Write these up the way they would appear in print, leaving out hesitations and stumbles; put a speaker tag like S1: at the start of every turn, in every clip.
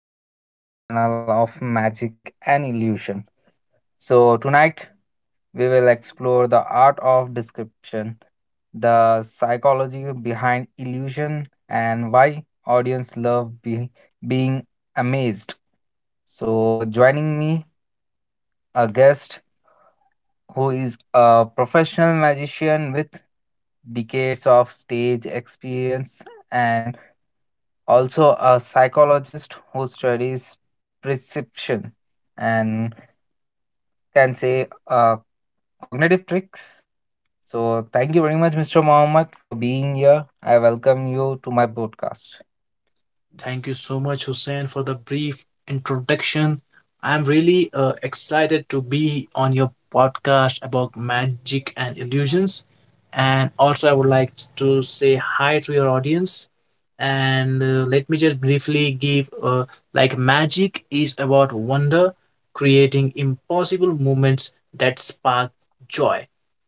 S1: and welcome to our panel of magic and illusion. So tonight we will explore the art of description, the psychology behind illusion, and why audience love being amazed. So, joining me, a guest who is a professional magician with decades of stage experience, and also a psychologist who studies perception and can say cognitive tricks. So, thank you very much, Mr. Mohammed, for being here. I welcome you to my podcast.
S2: Thank you so much, Hussein, for the brief introduction. I'm really excited to be on your podcast about magic and illusions. And also, I would like to say hi to your audience. And let me just briefly give magic is about wonder, creating impossible moments that spark joy.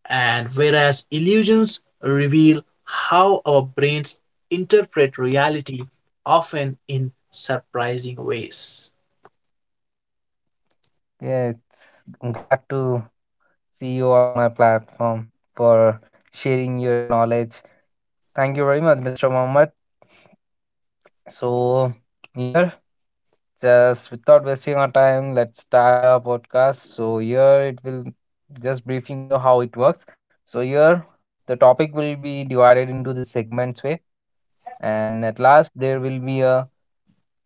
S2: And whereas illusions reveal how our brains interpret reality often in surprising ways.
S1: Yeah, it's, I'm glad to see you on my platform for sharing your knowledge. Thank you very much, Mr. Mohammed. So here, just without wasting our time, let's start our podcast. So here it will just briefing you how it works. So here the topic will be divided into the segments way, and at last there will be a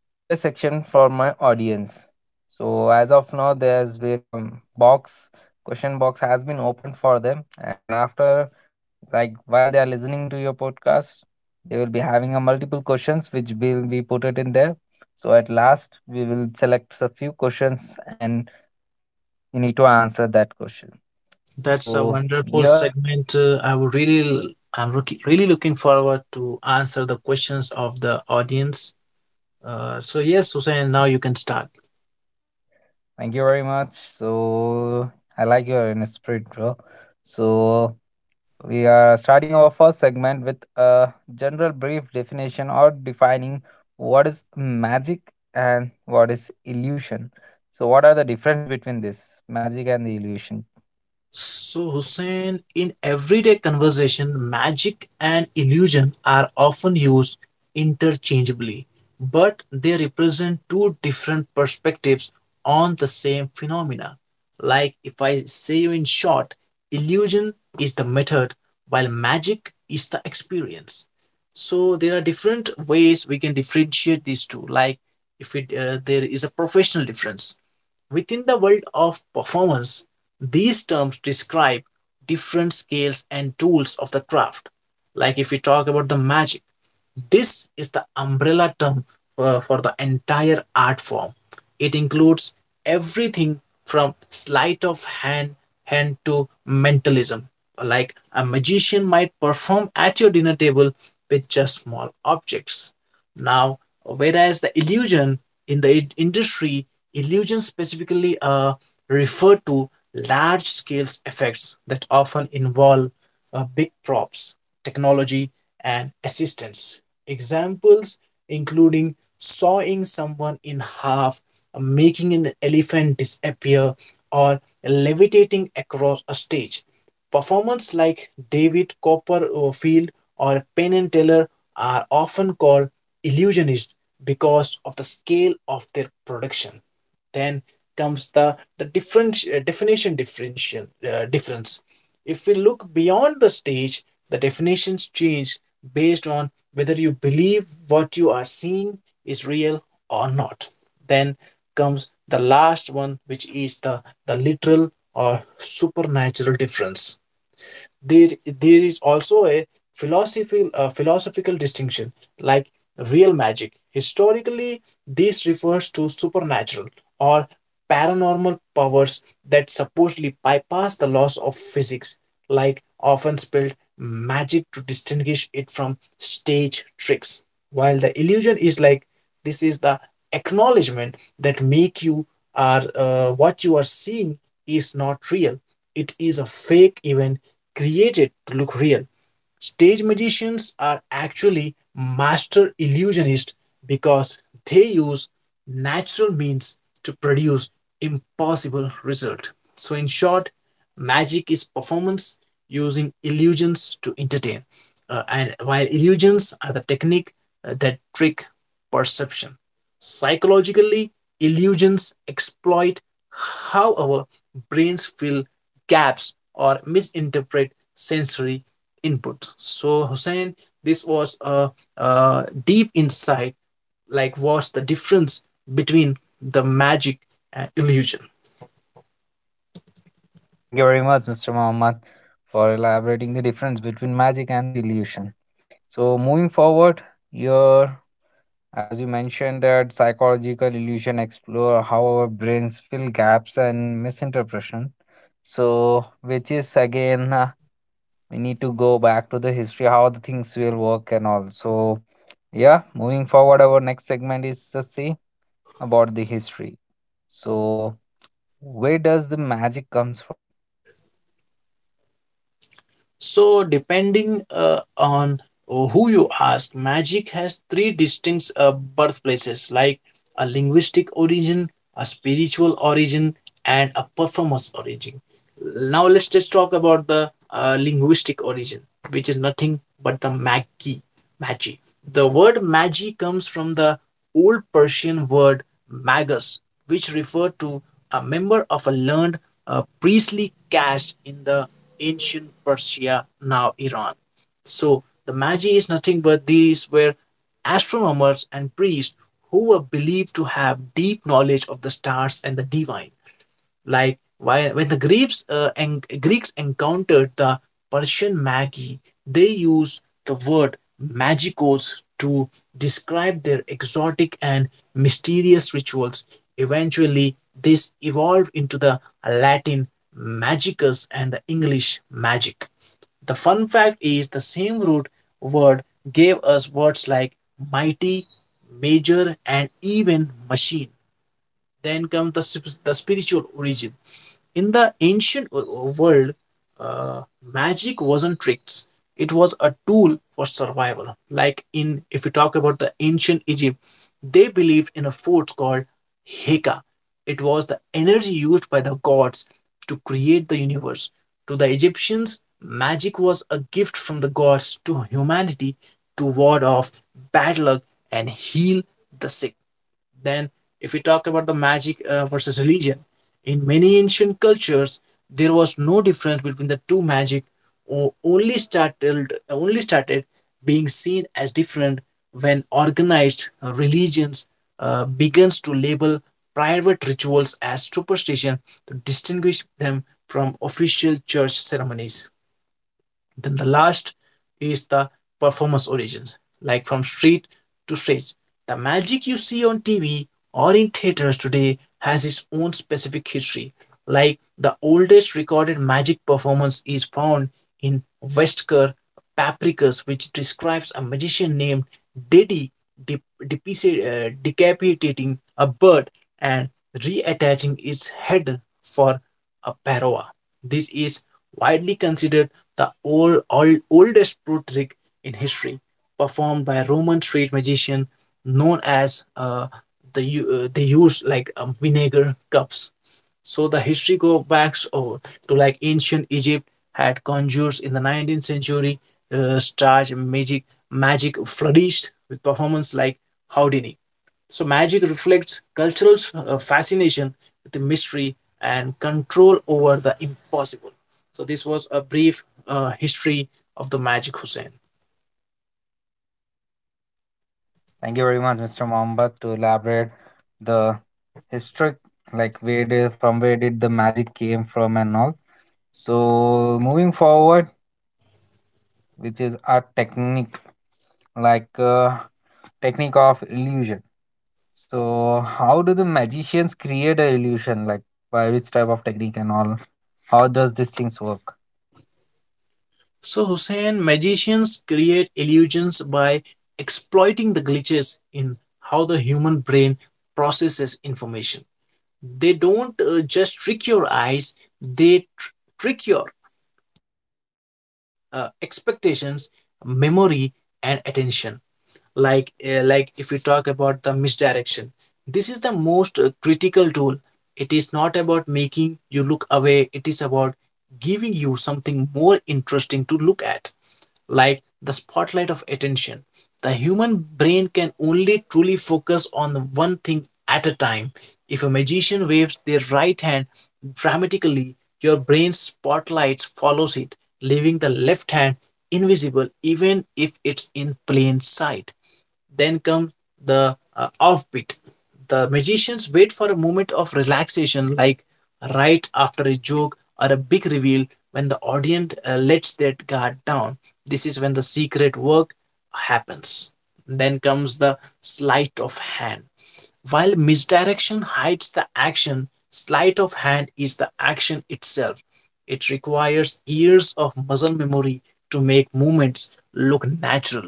S1: Q A section for my audience. So as of now, there's become box, question box has been opened for them, and after, like, while they are listening to your podcast, they will be having a multiple questions which will be put it in there. So at last we will select a few questions and you need to answer that question,
S2: That's a
S1: so
S2: wonderful
S1: yeah.
S2: segment. I would really looking forward to answer the questions of the audience. So yes, Hussein, now you can start.
S1: Thank you very much. So I like your inner spirit, bro. So we are starting our first segment with a general brief definition, or defining what is magic and what is illusion. So what are the difference between this magic and the illusion?
S2: So, Hussein, in everyday conversation, magic and illusion are often used interchangeably, but they represent two different perspectives on the same phenomena. Like if I say you in short, illusion is the method, while magic is the experience. So there are different ways we can differentiate these two. Like if it There is a professional difference within the world of performance, these terms describe different scales and tools of the craft. Like if we talk about the magic, this is the umbrella term for the entire art form. It includes everything from sleight of hand to mentalism. Like a magician might perform at your dinner table with just small objects. Now, whereas the illusion in the industry, illusions specifically refer to large scale effects that often involve big props, technology, and assistance. Examples including sawing someone in half, making an elephant disappear, or levitating across a stage. Performers like David Copperfield or Penn and Teller are often called illusionists because of the scale of their production. Then comes the difference. If we look beyond the stage, the definitions change based on whether you believe what you are seeing is real or not. Then comes the last one, which is the literal or supernatural difference. There is also a philosophical distinction. Like real magic, historically this refers to supernatural or paranormal powers that supposedly bypass the laws of physics, like often spelled magic to distinguish it from stage tricks. While the illusion is like, this is the acknowledgement that make you are what you are seeing is not real, it is a fake event created to look real. Stage magicians are actually master illusionists because they use natural means to produce impossible result. So in short, magic is performance using illusions to entertain. And while illusions are the technique that trick perception. Psychologically, illusions exploit how our brains fill gaps or misinterpret sensory input. So, Hussein, this was a deep insight like what's the difference between the magic and illusion.
S1: Thank you very much, Mr. Mohammed, for elaborating the difference between magic and the illusion. So, moving forward, your, as you mentioned that psychological illusion explore how our brains fill gaps and misinterpretation, so which is again, we need to go back to the history how the things will work and all. So, yeah, moving forward, our next segment is the say about the history. So where does the magic comes from?
S2: So, depending on who you ask, magic has three distinct birthplaces, like a linguistic origin, a spiritual origin, and a performance origin. Now let's just talk about the linguistic origin, which is nothing but the magi. Magi. The word magi comes from the old Persian word magus, which referred to a member of a learned priestly caste in the ancient Persia, now Iran. So the magi is nothing but these were astronomers and priests who were believed to have deep knowledge of the stars and the divine. Like why, when the Greeks encountered the Persian magi, they used the word magicos to describe their exotic and mysterious rituals. Eventually, this evolved into the Latin magicus and the English magic. The fun fact is the same root word gave us words like mighty, major, and even machine. Then comes the spiritual origin. In the ancient world, magic wasn't tricks. It was a tool for survival. If you talk about the ancient Egypt, they believed in a force called Heka. It was the energy used by the gods to create the universe. To the Egyptians, magic was a gift from the gods to humanity to ward off bad luck and heal the sick. Then, if we talk about the magic versus religion, in many ancient cultures, there was no difference between the two magic, or only started being seen as different when organized religions begins to label private rituals as superstition to distinguish them from official church ceremonies. Then the last is the performance origins, like from street to stage. The magic you see on TV or in theaters today has its own specific history. Like the oldest recorded magic performance is found in Westker Papricus, which describes a magician named Diddy decapitating a bird and reattaching its head for a paroa. This is widely considered the oldest pro trick in history, performed by a Roman street magician known as they use like vinegar cups. So the history go back over to like ancient Egypt had conjures in the 19th century. Stage magic flourished with performance like Houdini. So magic reflects cultural fascination with the mystery and control over the impossible. So this was a brief history of the magic, Hussein.
S1: Thank you very much, Mr. Mohammed, to elaborate the history, like where did, from where did the magic came from and all. So moving forward, which is a technique, like uh, technique of illusion. So how do the magicians create a illusion? Like by which type of technique and all? How does these things work?
S2: So Hussein, magicians create illusions by exploiting the glitches in how the human brain processes information. They don't just trick your eyes; they trick your expectations, memory, and attention. Like if we talk about the misdirection, this is the most critical tool. It is not about making you look away, it is about giving you something more interesting to look at, like the spotlight of attention. The human brain can only truly focus on one thing at a time. If a magician waves their right hand dramatically, your brain's spotlight follows it, leaving the left hand invisible even if it's in plain sight. Then come the offbeat. The magicians wait for a moment of relaxation, like right after a joke or a big reveal when the audience lets their guard down. This is when the secret work happens. Then comes the sleight of hand. While misdirection hides the action, sleight of hand is the action itself. It requires years of muscle memory to make movements look natural,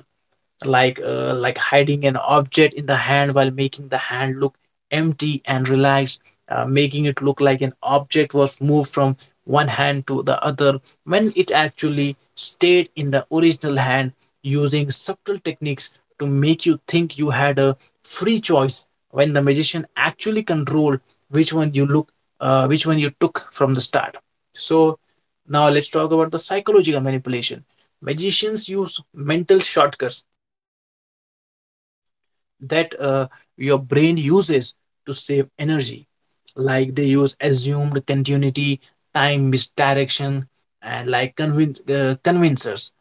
S2: like hiding an object in the hand while making the hand look empty and relaxed, making it look like an object was moved from one hand to the other when it actually stayed in the original hand, using subtle techniques to make you think you had a free choice when the magician actually controlled which one you look which one you took from the start. So now let's talk about the psychological manipulation. Magicians use mental shortcuts that your brain uses to save energy, like they use assumed continuity, time misdirection, and like convincers.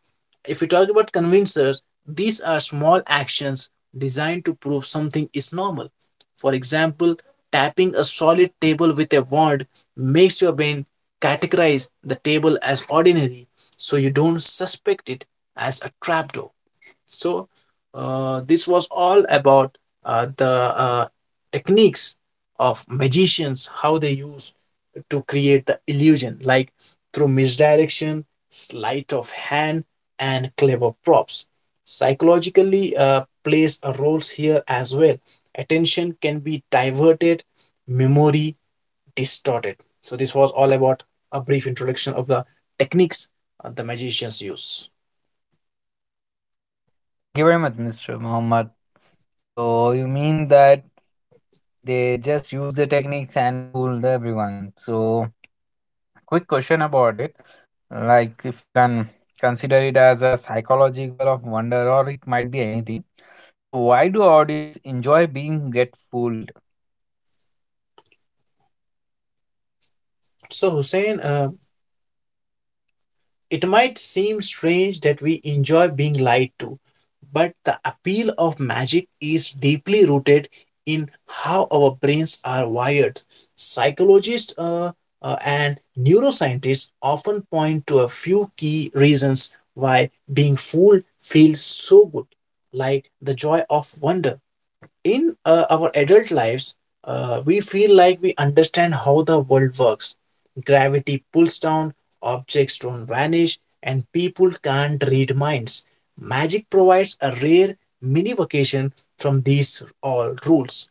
S2: If we talk about convincers, these are small actions designed to prove something is normal. For example, tapping a solid table with a wand makes your brain categorize the table as ordinary so you don't suspect it as a trapdoor. So this was all about the techniques of magicians, how they use to create the illusion, like through misdirection, sleight of hand, and clever props. Psychologically plays a role here as well. Attention can be diverted, memory distorted. So this was all about a brief introduction of the techniques the magicians use.
S1: Thank you very much, Mr. Muhammad. So you mean that they just use the techniques and fooled everyone. So, quick question about it. Like, if you can consider it as a psychological of wonder, or it might be anything. So why do audience enjoy being get fooled?
S2: So Hussein, it might seem strange that we enjoy being lied to, but the appeal of magic is deeply rooted in how our brains are wired. Psychologists and neuroscientists often point to a few key reasons why being fooled feels so good, like the joy of wonder. In our adult lives, we feel like we understand how the world works. Gravity pulls down, objects don't vanish, and people can't read minds. Magic provides a rare mini vacation from these all rules.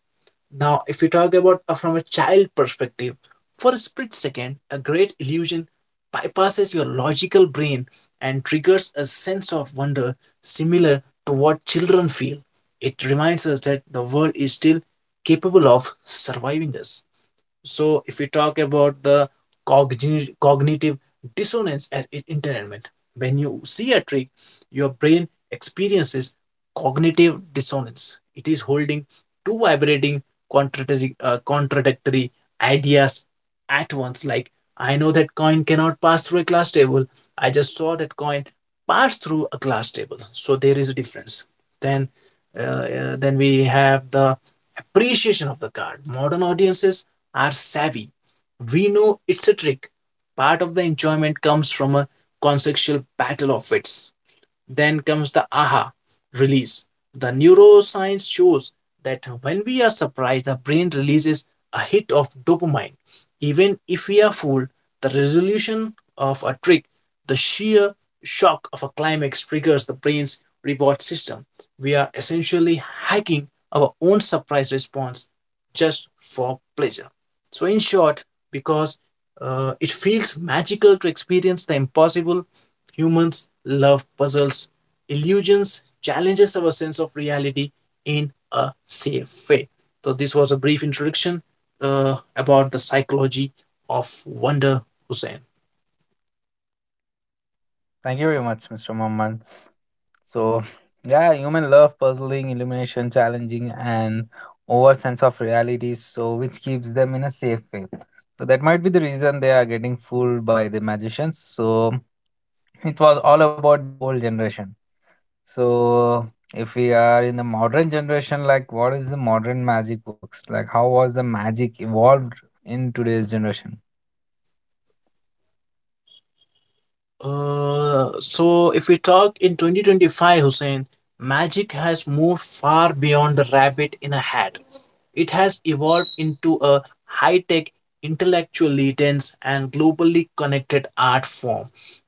S2: Now, if we talk about from a child perspective, for a split second, a great illusion bypasses your logical brain and triggers a sense of wonder similar to what children feel. It reminds us that the world is still capable of surviving us. So if we talk about the cognitive dissonance at entertainment, when you see a trick, your brain experiences cognitive dissonance. It is holding two vibrating contradictory ideas at once, like I know that coin cannot pass through a glass table, I just saw that coin pass through a glass table, so there is a difference. Then uh, uh, then we have the appreciation of the card. Modern audiences are savvy. We know it's a trick. Part of the enjoyment comes from a conceptual battle of wits. Then comes the aha release. The neuroscience shows that when we are surprised, the brain releases a hit of dopamine. Even if we are fooled, the resolution of a trick, the sheer shock of a climax triggers the brain's reward system. We are essentially hacking our own surprise response just for pleasure. So, in short, because it feels magical to experience the impossible. Humans love puzzles, illusions, challenges our sense of reality in a safe way. So, this was a brief introduction about the psychology of wonder, Hussein.
S1: Thank you very much, Mr. Muhammad. So, yeah, human love puzzling, illumination, challenging, and over sense of reality, so which keeps them in a safe way. So that might be the reason they are getting fooled by the magicians. So it was all about the old generation. So if we are in the modern generation, like, what is the modern magic works? Like how was the magic evolved in today's generation?
S2: So if we talk in 2025, Hussein, magic has moved far beyond the rabbit in a hat. It has evolved into a high tech, intellectually dense, and globally connected art form.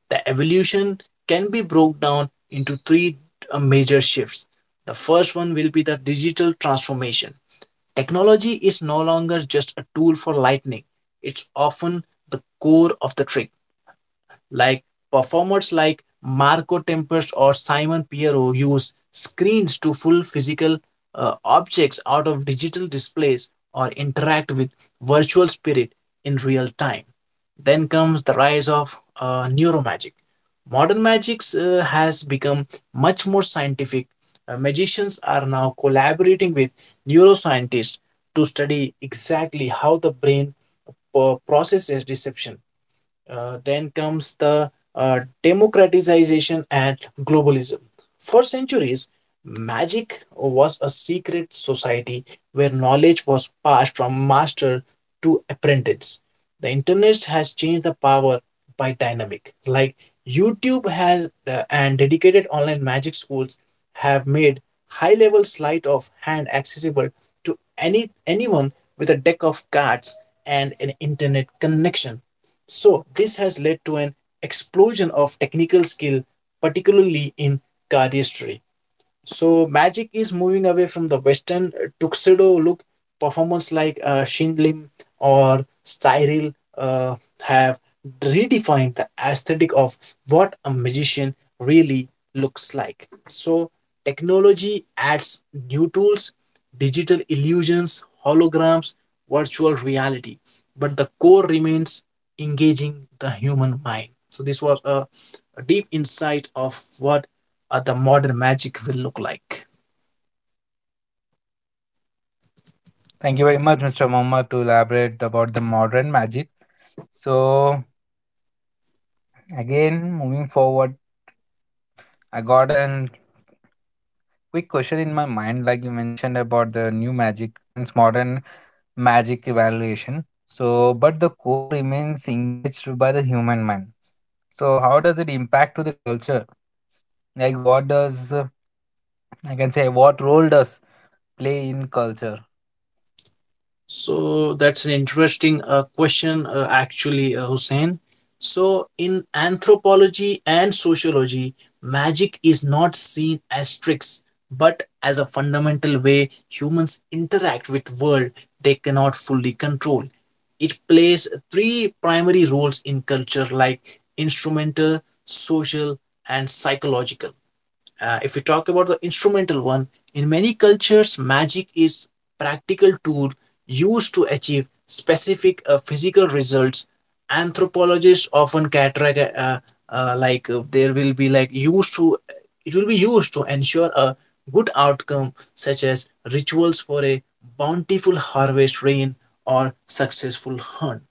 S2: The evolution can be broken down into three major shifts. The first one will be the digital transformation. Technology is no longer just a tool for lightning. It's often the core of the trick, like performers like Marco Tempest or Simon Piero use screens to full physical objects out of digital displays or interact with virtual spirit in real time. Then comes the rise of neuromagic. Modern magic has become much more scientific. Magicians are now collaborating with neuroscientists to study exactly how the brain processes deception. Then comes the democratization and globalism. For centuries, magic was a secret society where knowledge was passed from master to apprentice. The internet has changed the power by dynamic. Like YouTube has and dedicated online magic schools have made high-level sleight of hand accessible to anyone with a deck of cards and an internet connection. So, this has led to an explosion of technical skill, particularly in cardistry. So magic is moving away from the Western tuxedo look. Performance like Shin Lim or Cyril uh, have redefined the aesthetic of what a magician really looks like. So technology adds new tools, digital illusions, holograms, virtual reality, but the core remains engaging the human mind. So this was a deep insight of what the modern magic will look like.
S1: Thank you very much, Mr. Mohammed, to elaborate about the modern magic. So, again, moving forward, I got an quick question in my mind, like you mentioned about the new magic, means modern magic evaluation. So, but the core remains engaged by the human mind. So how does it impact to the culture? Like, what does I can say? What role does play in culture?
S2: So that's an interesting question, actually, Hussein. So in anthropology and sociology, magic is not seen as tricks, but as a fundamental way humans interact with world they cannot fully control. It plays three primary roles in culture, like instrumental, social, and psychological. If we talk about the instrumental one, in many cultures, magic is practical tool used to achieve specific physical results. Anthropologists often characterize, like, there will be, like, used to it will be used to ensure a good outcome, such as rituals for a bountiful harvest rain or successful hunt.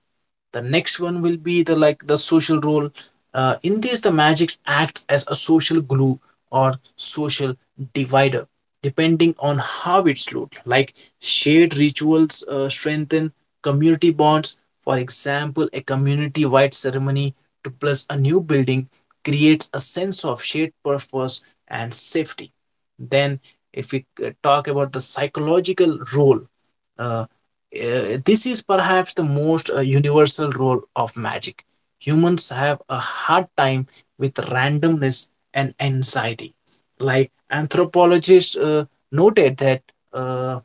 S2: The next one will be the social role. In this, the magic acts as a social glue or social divider, depending on how it's looked like. Shared rituals strengthen community bonds. For example, a community wide ceremony to plus a new building creates a sense of shared purpose and safety. Then, if we talk about the psychological role. Uh, uh, this is perhaps the most universal role of magic. Humans have a hard time with randomness and anxiety. Like anthropologists noted that uh,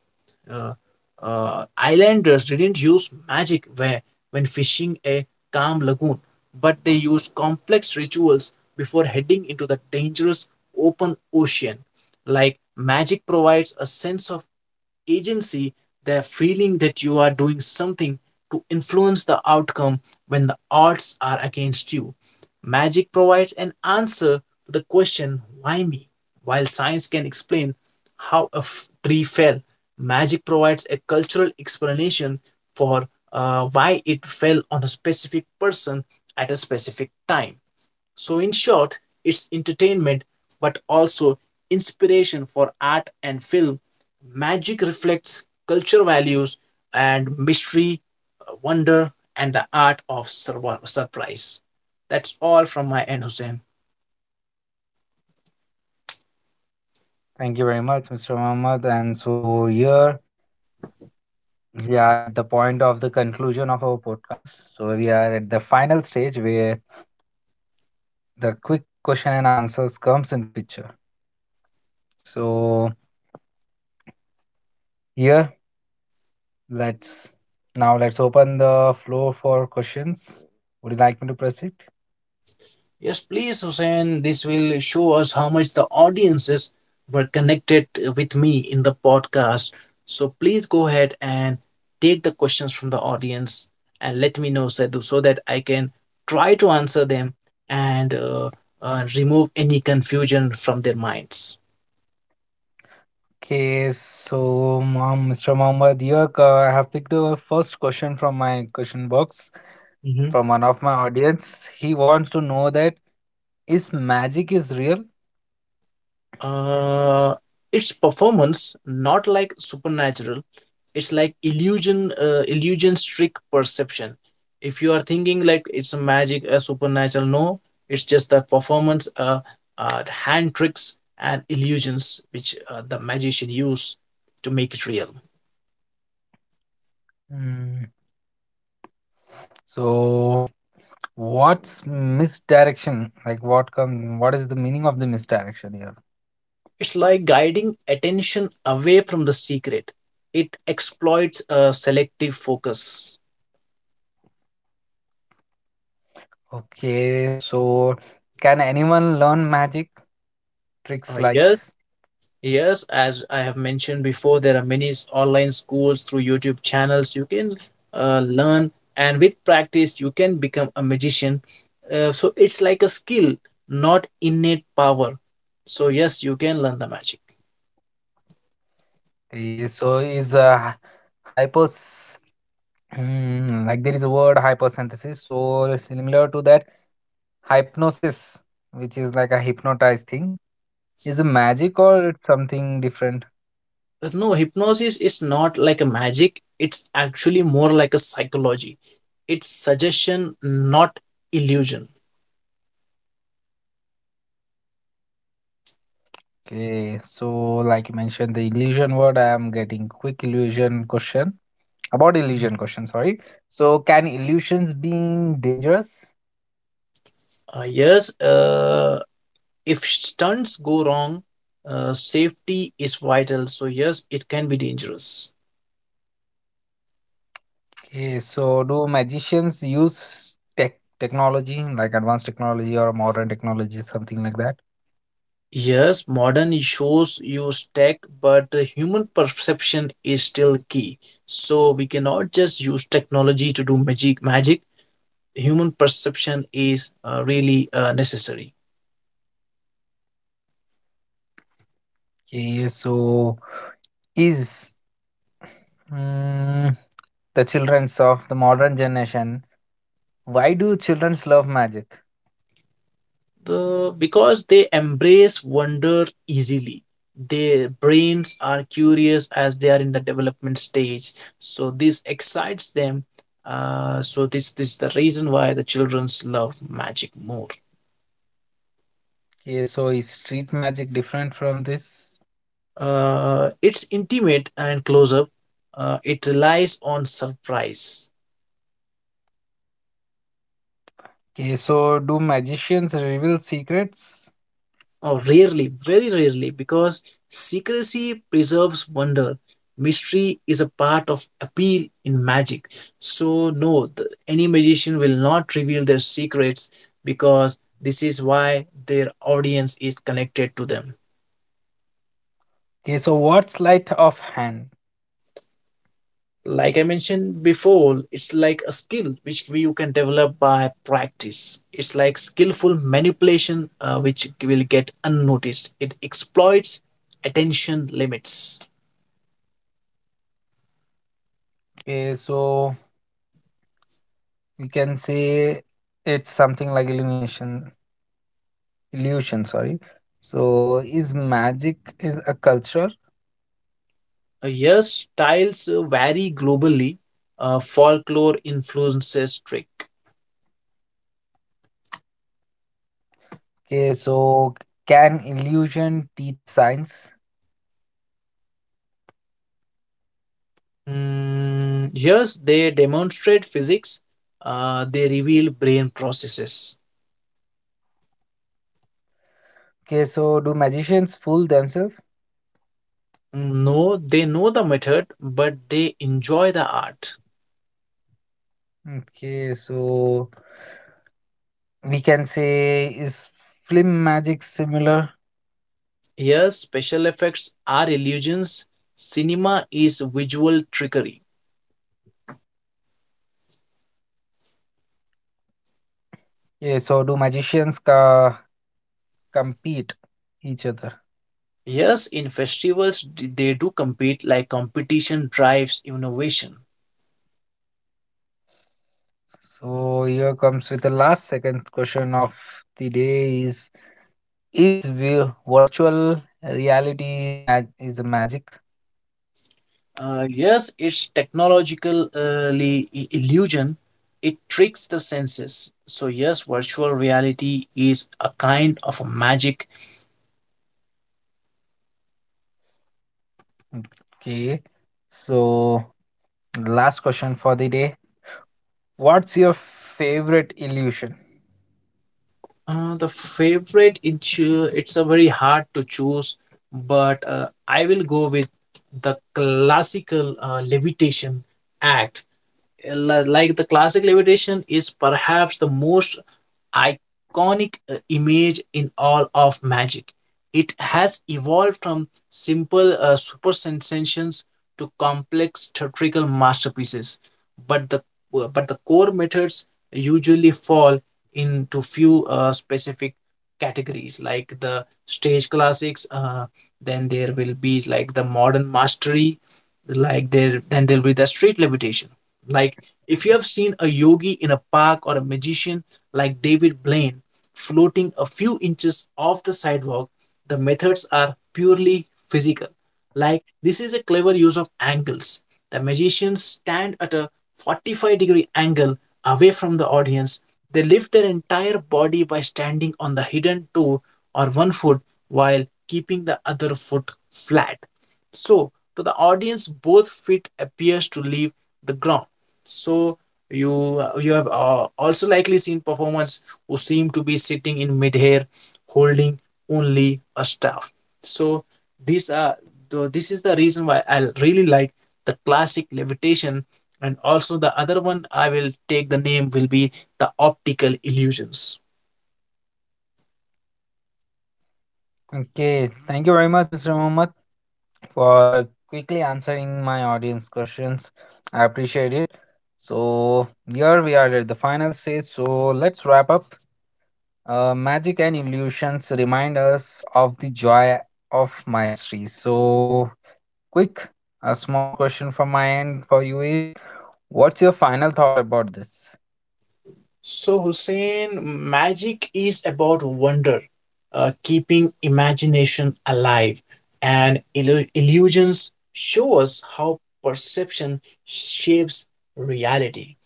S2: uh, islanders didn't use magic when fishing a calm lagoon, but they used complex rituals before heading into the dangerous open ocean. Like magic provides a sense of agency, the feeling that you are doing something to influence the outcome when the odds are against you. Magic provides an answer to the question, why me? While science can explain how a tree fell, magic provides a cultural explanation for why it fell on a specific person at a specific time. So, in short, it's entertainment but also inspiration for art and film. Magic reflects culture values and mystery, wonder, and the art of surprise. That's all from my end, Hussein.
S1: Thank you very much, Mr. Mohammed. And so here we are at the point of the conclusion of our podcast. So we are at the final stage where the quick question and answers comes in the picture. So, yeah, let's, now let's open the floor for questions. Would you like me to proceed?
S2: Yes, please, Hussein. This will show us how much the audiences were connected with me in the podcast. So please go ahead and take the questions from the audience and let me know Sadhu, so that I can try to answer them and remove any confusion from their minds.
S1: Okay, so Mom, Mr. Mohammed, here I have picked the first question from my question box
S2: Mhm.
S1: from one of my audience. He wants to know that, is magic is real?
S2: uh it's performance, not like supernatural. It's like illusion, illusion trick, perception. If you are thinking like it's a magic, a supernatural, no, it's just the performance. The hand tricks and illusions which the magician use to make it real.
S1: Mm. So what's misdirection? Like, what come, what is the meaning of the misdirection here?
S2: It's like guiding attention away from the secret. It exploits selective focus.
S1: Okay, so can anyone learn magic tricks,
S2: uh,
S1: like?
S2: yes Yes, as I have mentioned before, there are many online schools through YouTube channels. You can learn, and with practice, you can become a magician. So it's like a skill, not innate power. So, yes, you can learn the magic.
S1: Ye- So is hypos Hmm, like there is a word hyposynthesis. So similar to that, hypnosis, which is like a hypnotized thing, is a magic or it's something different?
S2: No, hypnosis is not like a magic. It's actually more like a psychology. It's suggestion, not illusion.
S1: Okay, so like you mentioned the illusion word, I am getting quick illusion question. Sorry. So can illusions be dangerous?
S2: Yes, if stunts go wrong, safety is vital. So, yes, it can be dangerous.
S1: Okay, so do magicians use technology, like advanced technology or modern technology, something like that?
S2: Yes, modern shows use tech, but the human perception is still key. So, we cannot just use technology to do magic. Magic, human perception is really necessary.
S1: Okay, so is, mm, the children's of the modern generation, why do children's love magic?
S2: The because they embrace wonder easily. Their brains are curious as they are in the development stage, so this excites them. So this is the reason why the childrens love magic more.
S1: Okay, so is street magic different from this?
S2: It's intimate and close up. It relies on surprise.
S1: Okay, so do magicians reveal secrets?
S2: Oh, rarely, very rarely, because secrecy preserves wonder. Mystery is a part of appeal in magic. So, no, any magician will not reveal their secrets, because this is why their audience is connected to them.
S1: Okay, so what's sleight of hand?
S2: Like I mentioned before, it's like a skill which you can develop by practice. It's like skillful manipulation, which will get unnoticed. It exploits attention limits.
S1: Okay, so we can say it's something like illumination, illusion, sorry. So is magic is a culture?
S2: Yes, styles vary globally. Folklore influences trick.
S1: Okay, so can illusion teach science?
S2: Mm, yes, they demonstrate physics. They reveal brain processes.
S1: Okay, so do magicians fool themselves?
S2: Mm, no, they know the method, but they enjoy the art.
S1: Okay, so we can say, is film magic similar?
S2: Yes, special effects are illusions. Cinema is visual trickery.
S1: Okay, so do magicians compete each other?
S2: Yes, in festivals, they do compete, like competition drives innovation.
S1: So here comes with the last second question of the day is, virtual reality mag is a magic?
S2: Yes, it's technological, illusion. It tricks the senses. So yes, virtual reality is a kind of a magic.
S1: Okay, so last question for the day. What's your favorite illusion?
S2: The favorite, it's a very hard to choose, but I will go with the classical levitation act. Like the classic levitation is perhaps the most iconic image in all of magic. It has evolved from simple super sensations to complex theatrical masterpieces, but the core methods usually fall into few specific categories, like the stage classics. Then there will be, like, the modern mastery. Like, there then there'll be the street levitation. Like if you have seen a yogi in a park or a magician like David Blaine floating a few inches off the sidewalk, the methods are purely physical. Like this is a clever use of angles. The magicians stand at a 45-degree angle away from the audience. They lift their entire body by standing on the hidden toe or one foot while keeping the other foot flat. So, to the audience, both feet appears to leave the ground. So, you have also likely seen performers who seem to be sitting in midair holding only a staff. So these are this is the reason why I really like the classic levitation, and also the other one I will take the name will be the optical illusions.
S1: Okay, thank you very much, Mr. Mohammed, for quickly answering my audience questions. I appreciate it. So here we are at the final stage. So let's wrap up. Magic and illusions remind us of the joy of mastery. So quick, a small question from my end for you is, what's your final thought about this?
S2: So, Hussein, magic is about wonder, keeping imagination alive, and illusions show us how perception shapes reality.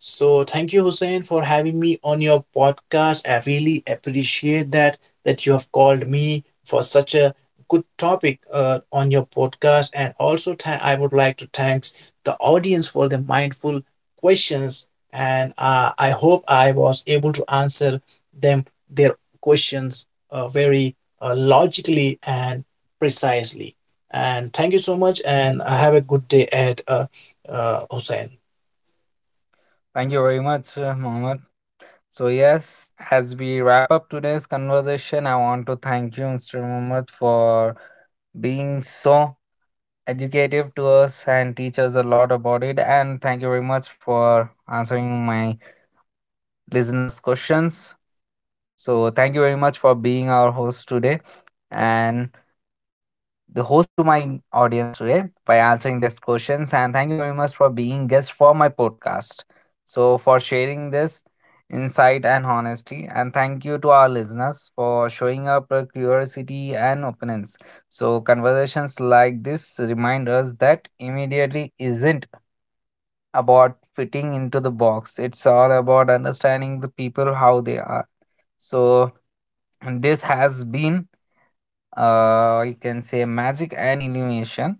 S2: So, thank you, Hussein, for having me on your podcast. I really appreciate that you have called me for such a good topic on your podcast, and also I would like to thank the audience for the mindful questions, and I hope I was able to answer them their questions very logically and precisely, and thank you so much, and have a good day at Hussain.
S1: Thank you very much, Mohammed. So yes, as we wrap up today's conversation, I want to thank you, Mr. Mohammed, for being so educative to us and teach us a lot about it. And thank you very much for answering my listeners' questions. So thank you very much for being our host today, and the host to my audience today by answering these questions. And thank you very much for being guest for my podcast. So, for sharing this insight and honesty. And thank you to our listeners for showing up curiosity and openness. So conversations like this remind us that immediately isn't about fitting into the box. It's all about understanding the people how they are. So this has been, you can say, magic and illumination.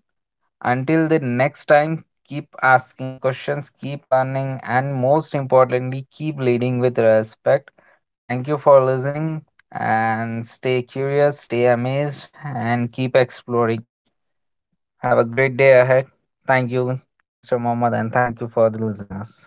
S1: Until the next time, keep asking questions, keep learning, and most importantly, keep leading with respect. Thank you for listening, and stay curious, stay amazed, and keep exploring. Have a great day ahead. Thank you, Mr. Mohammed, and thank you for the listeners.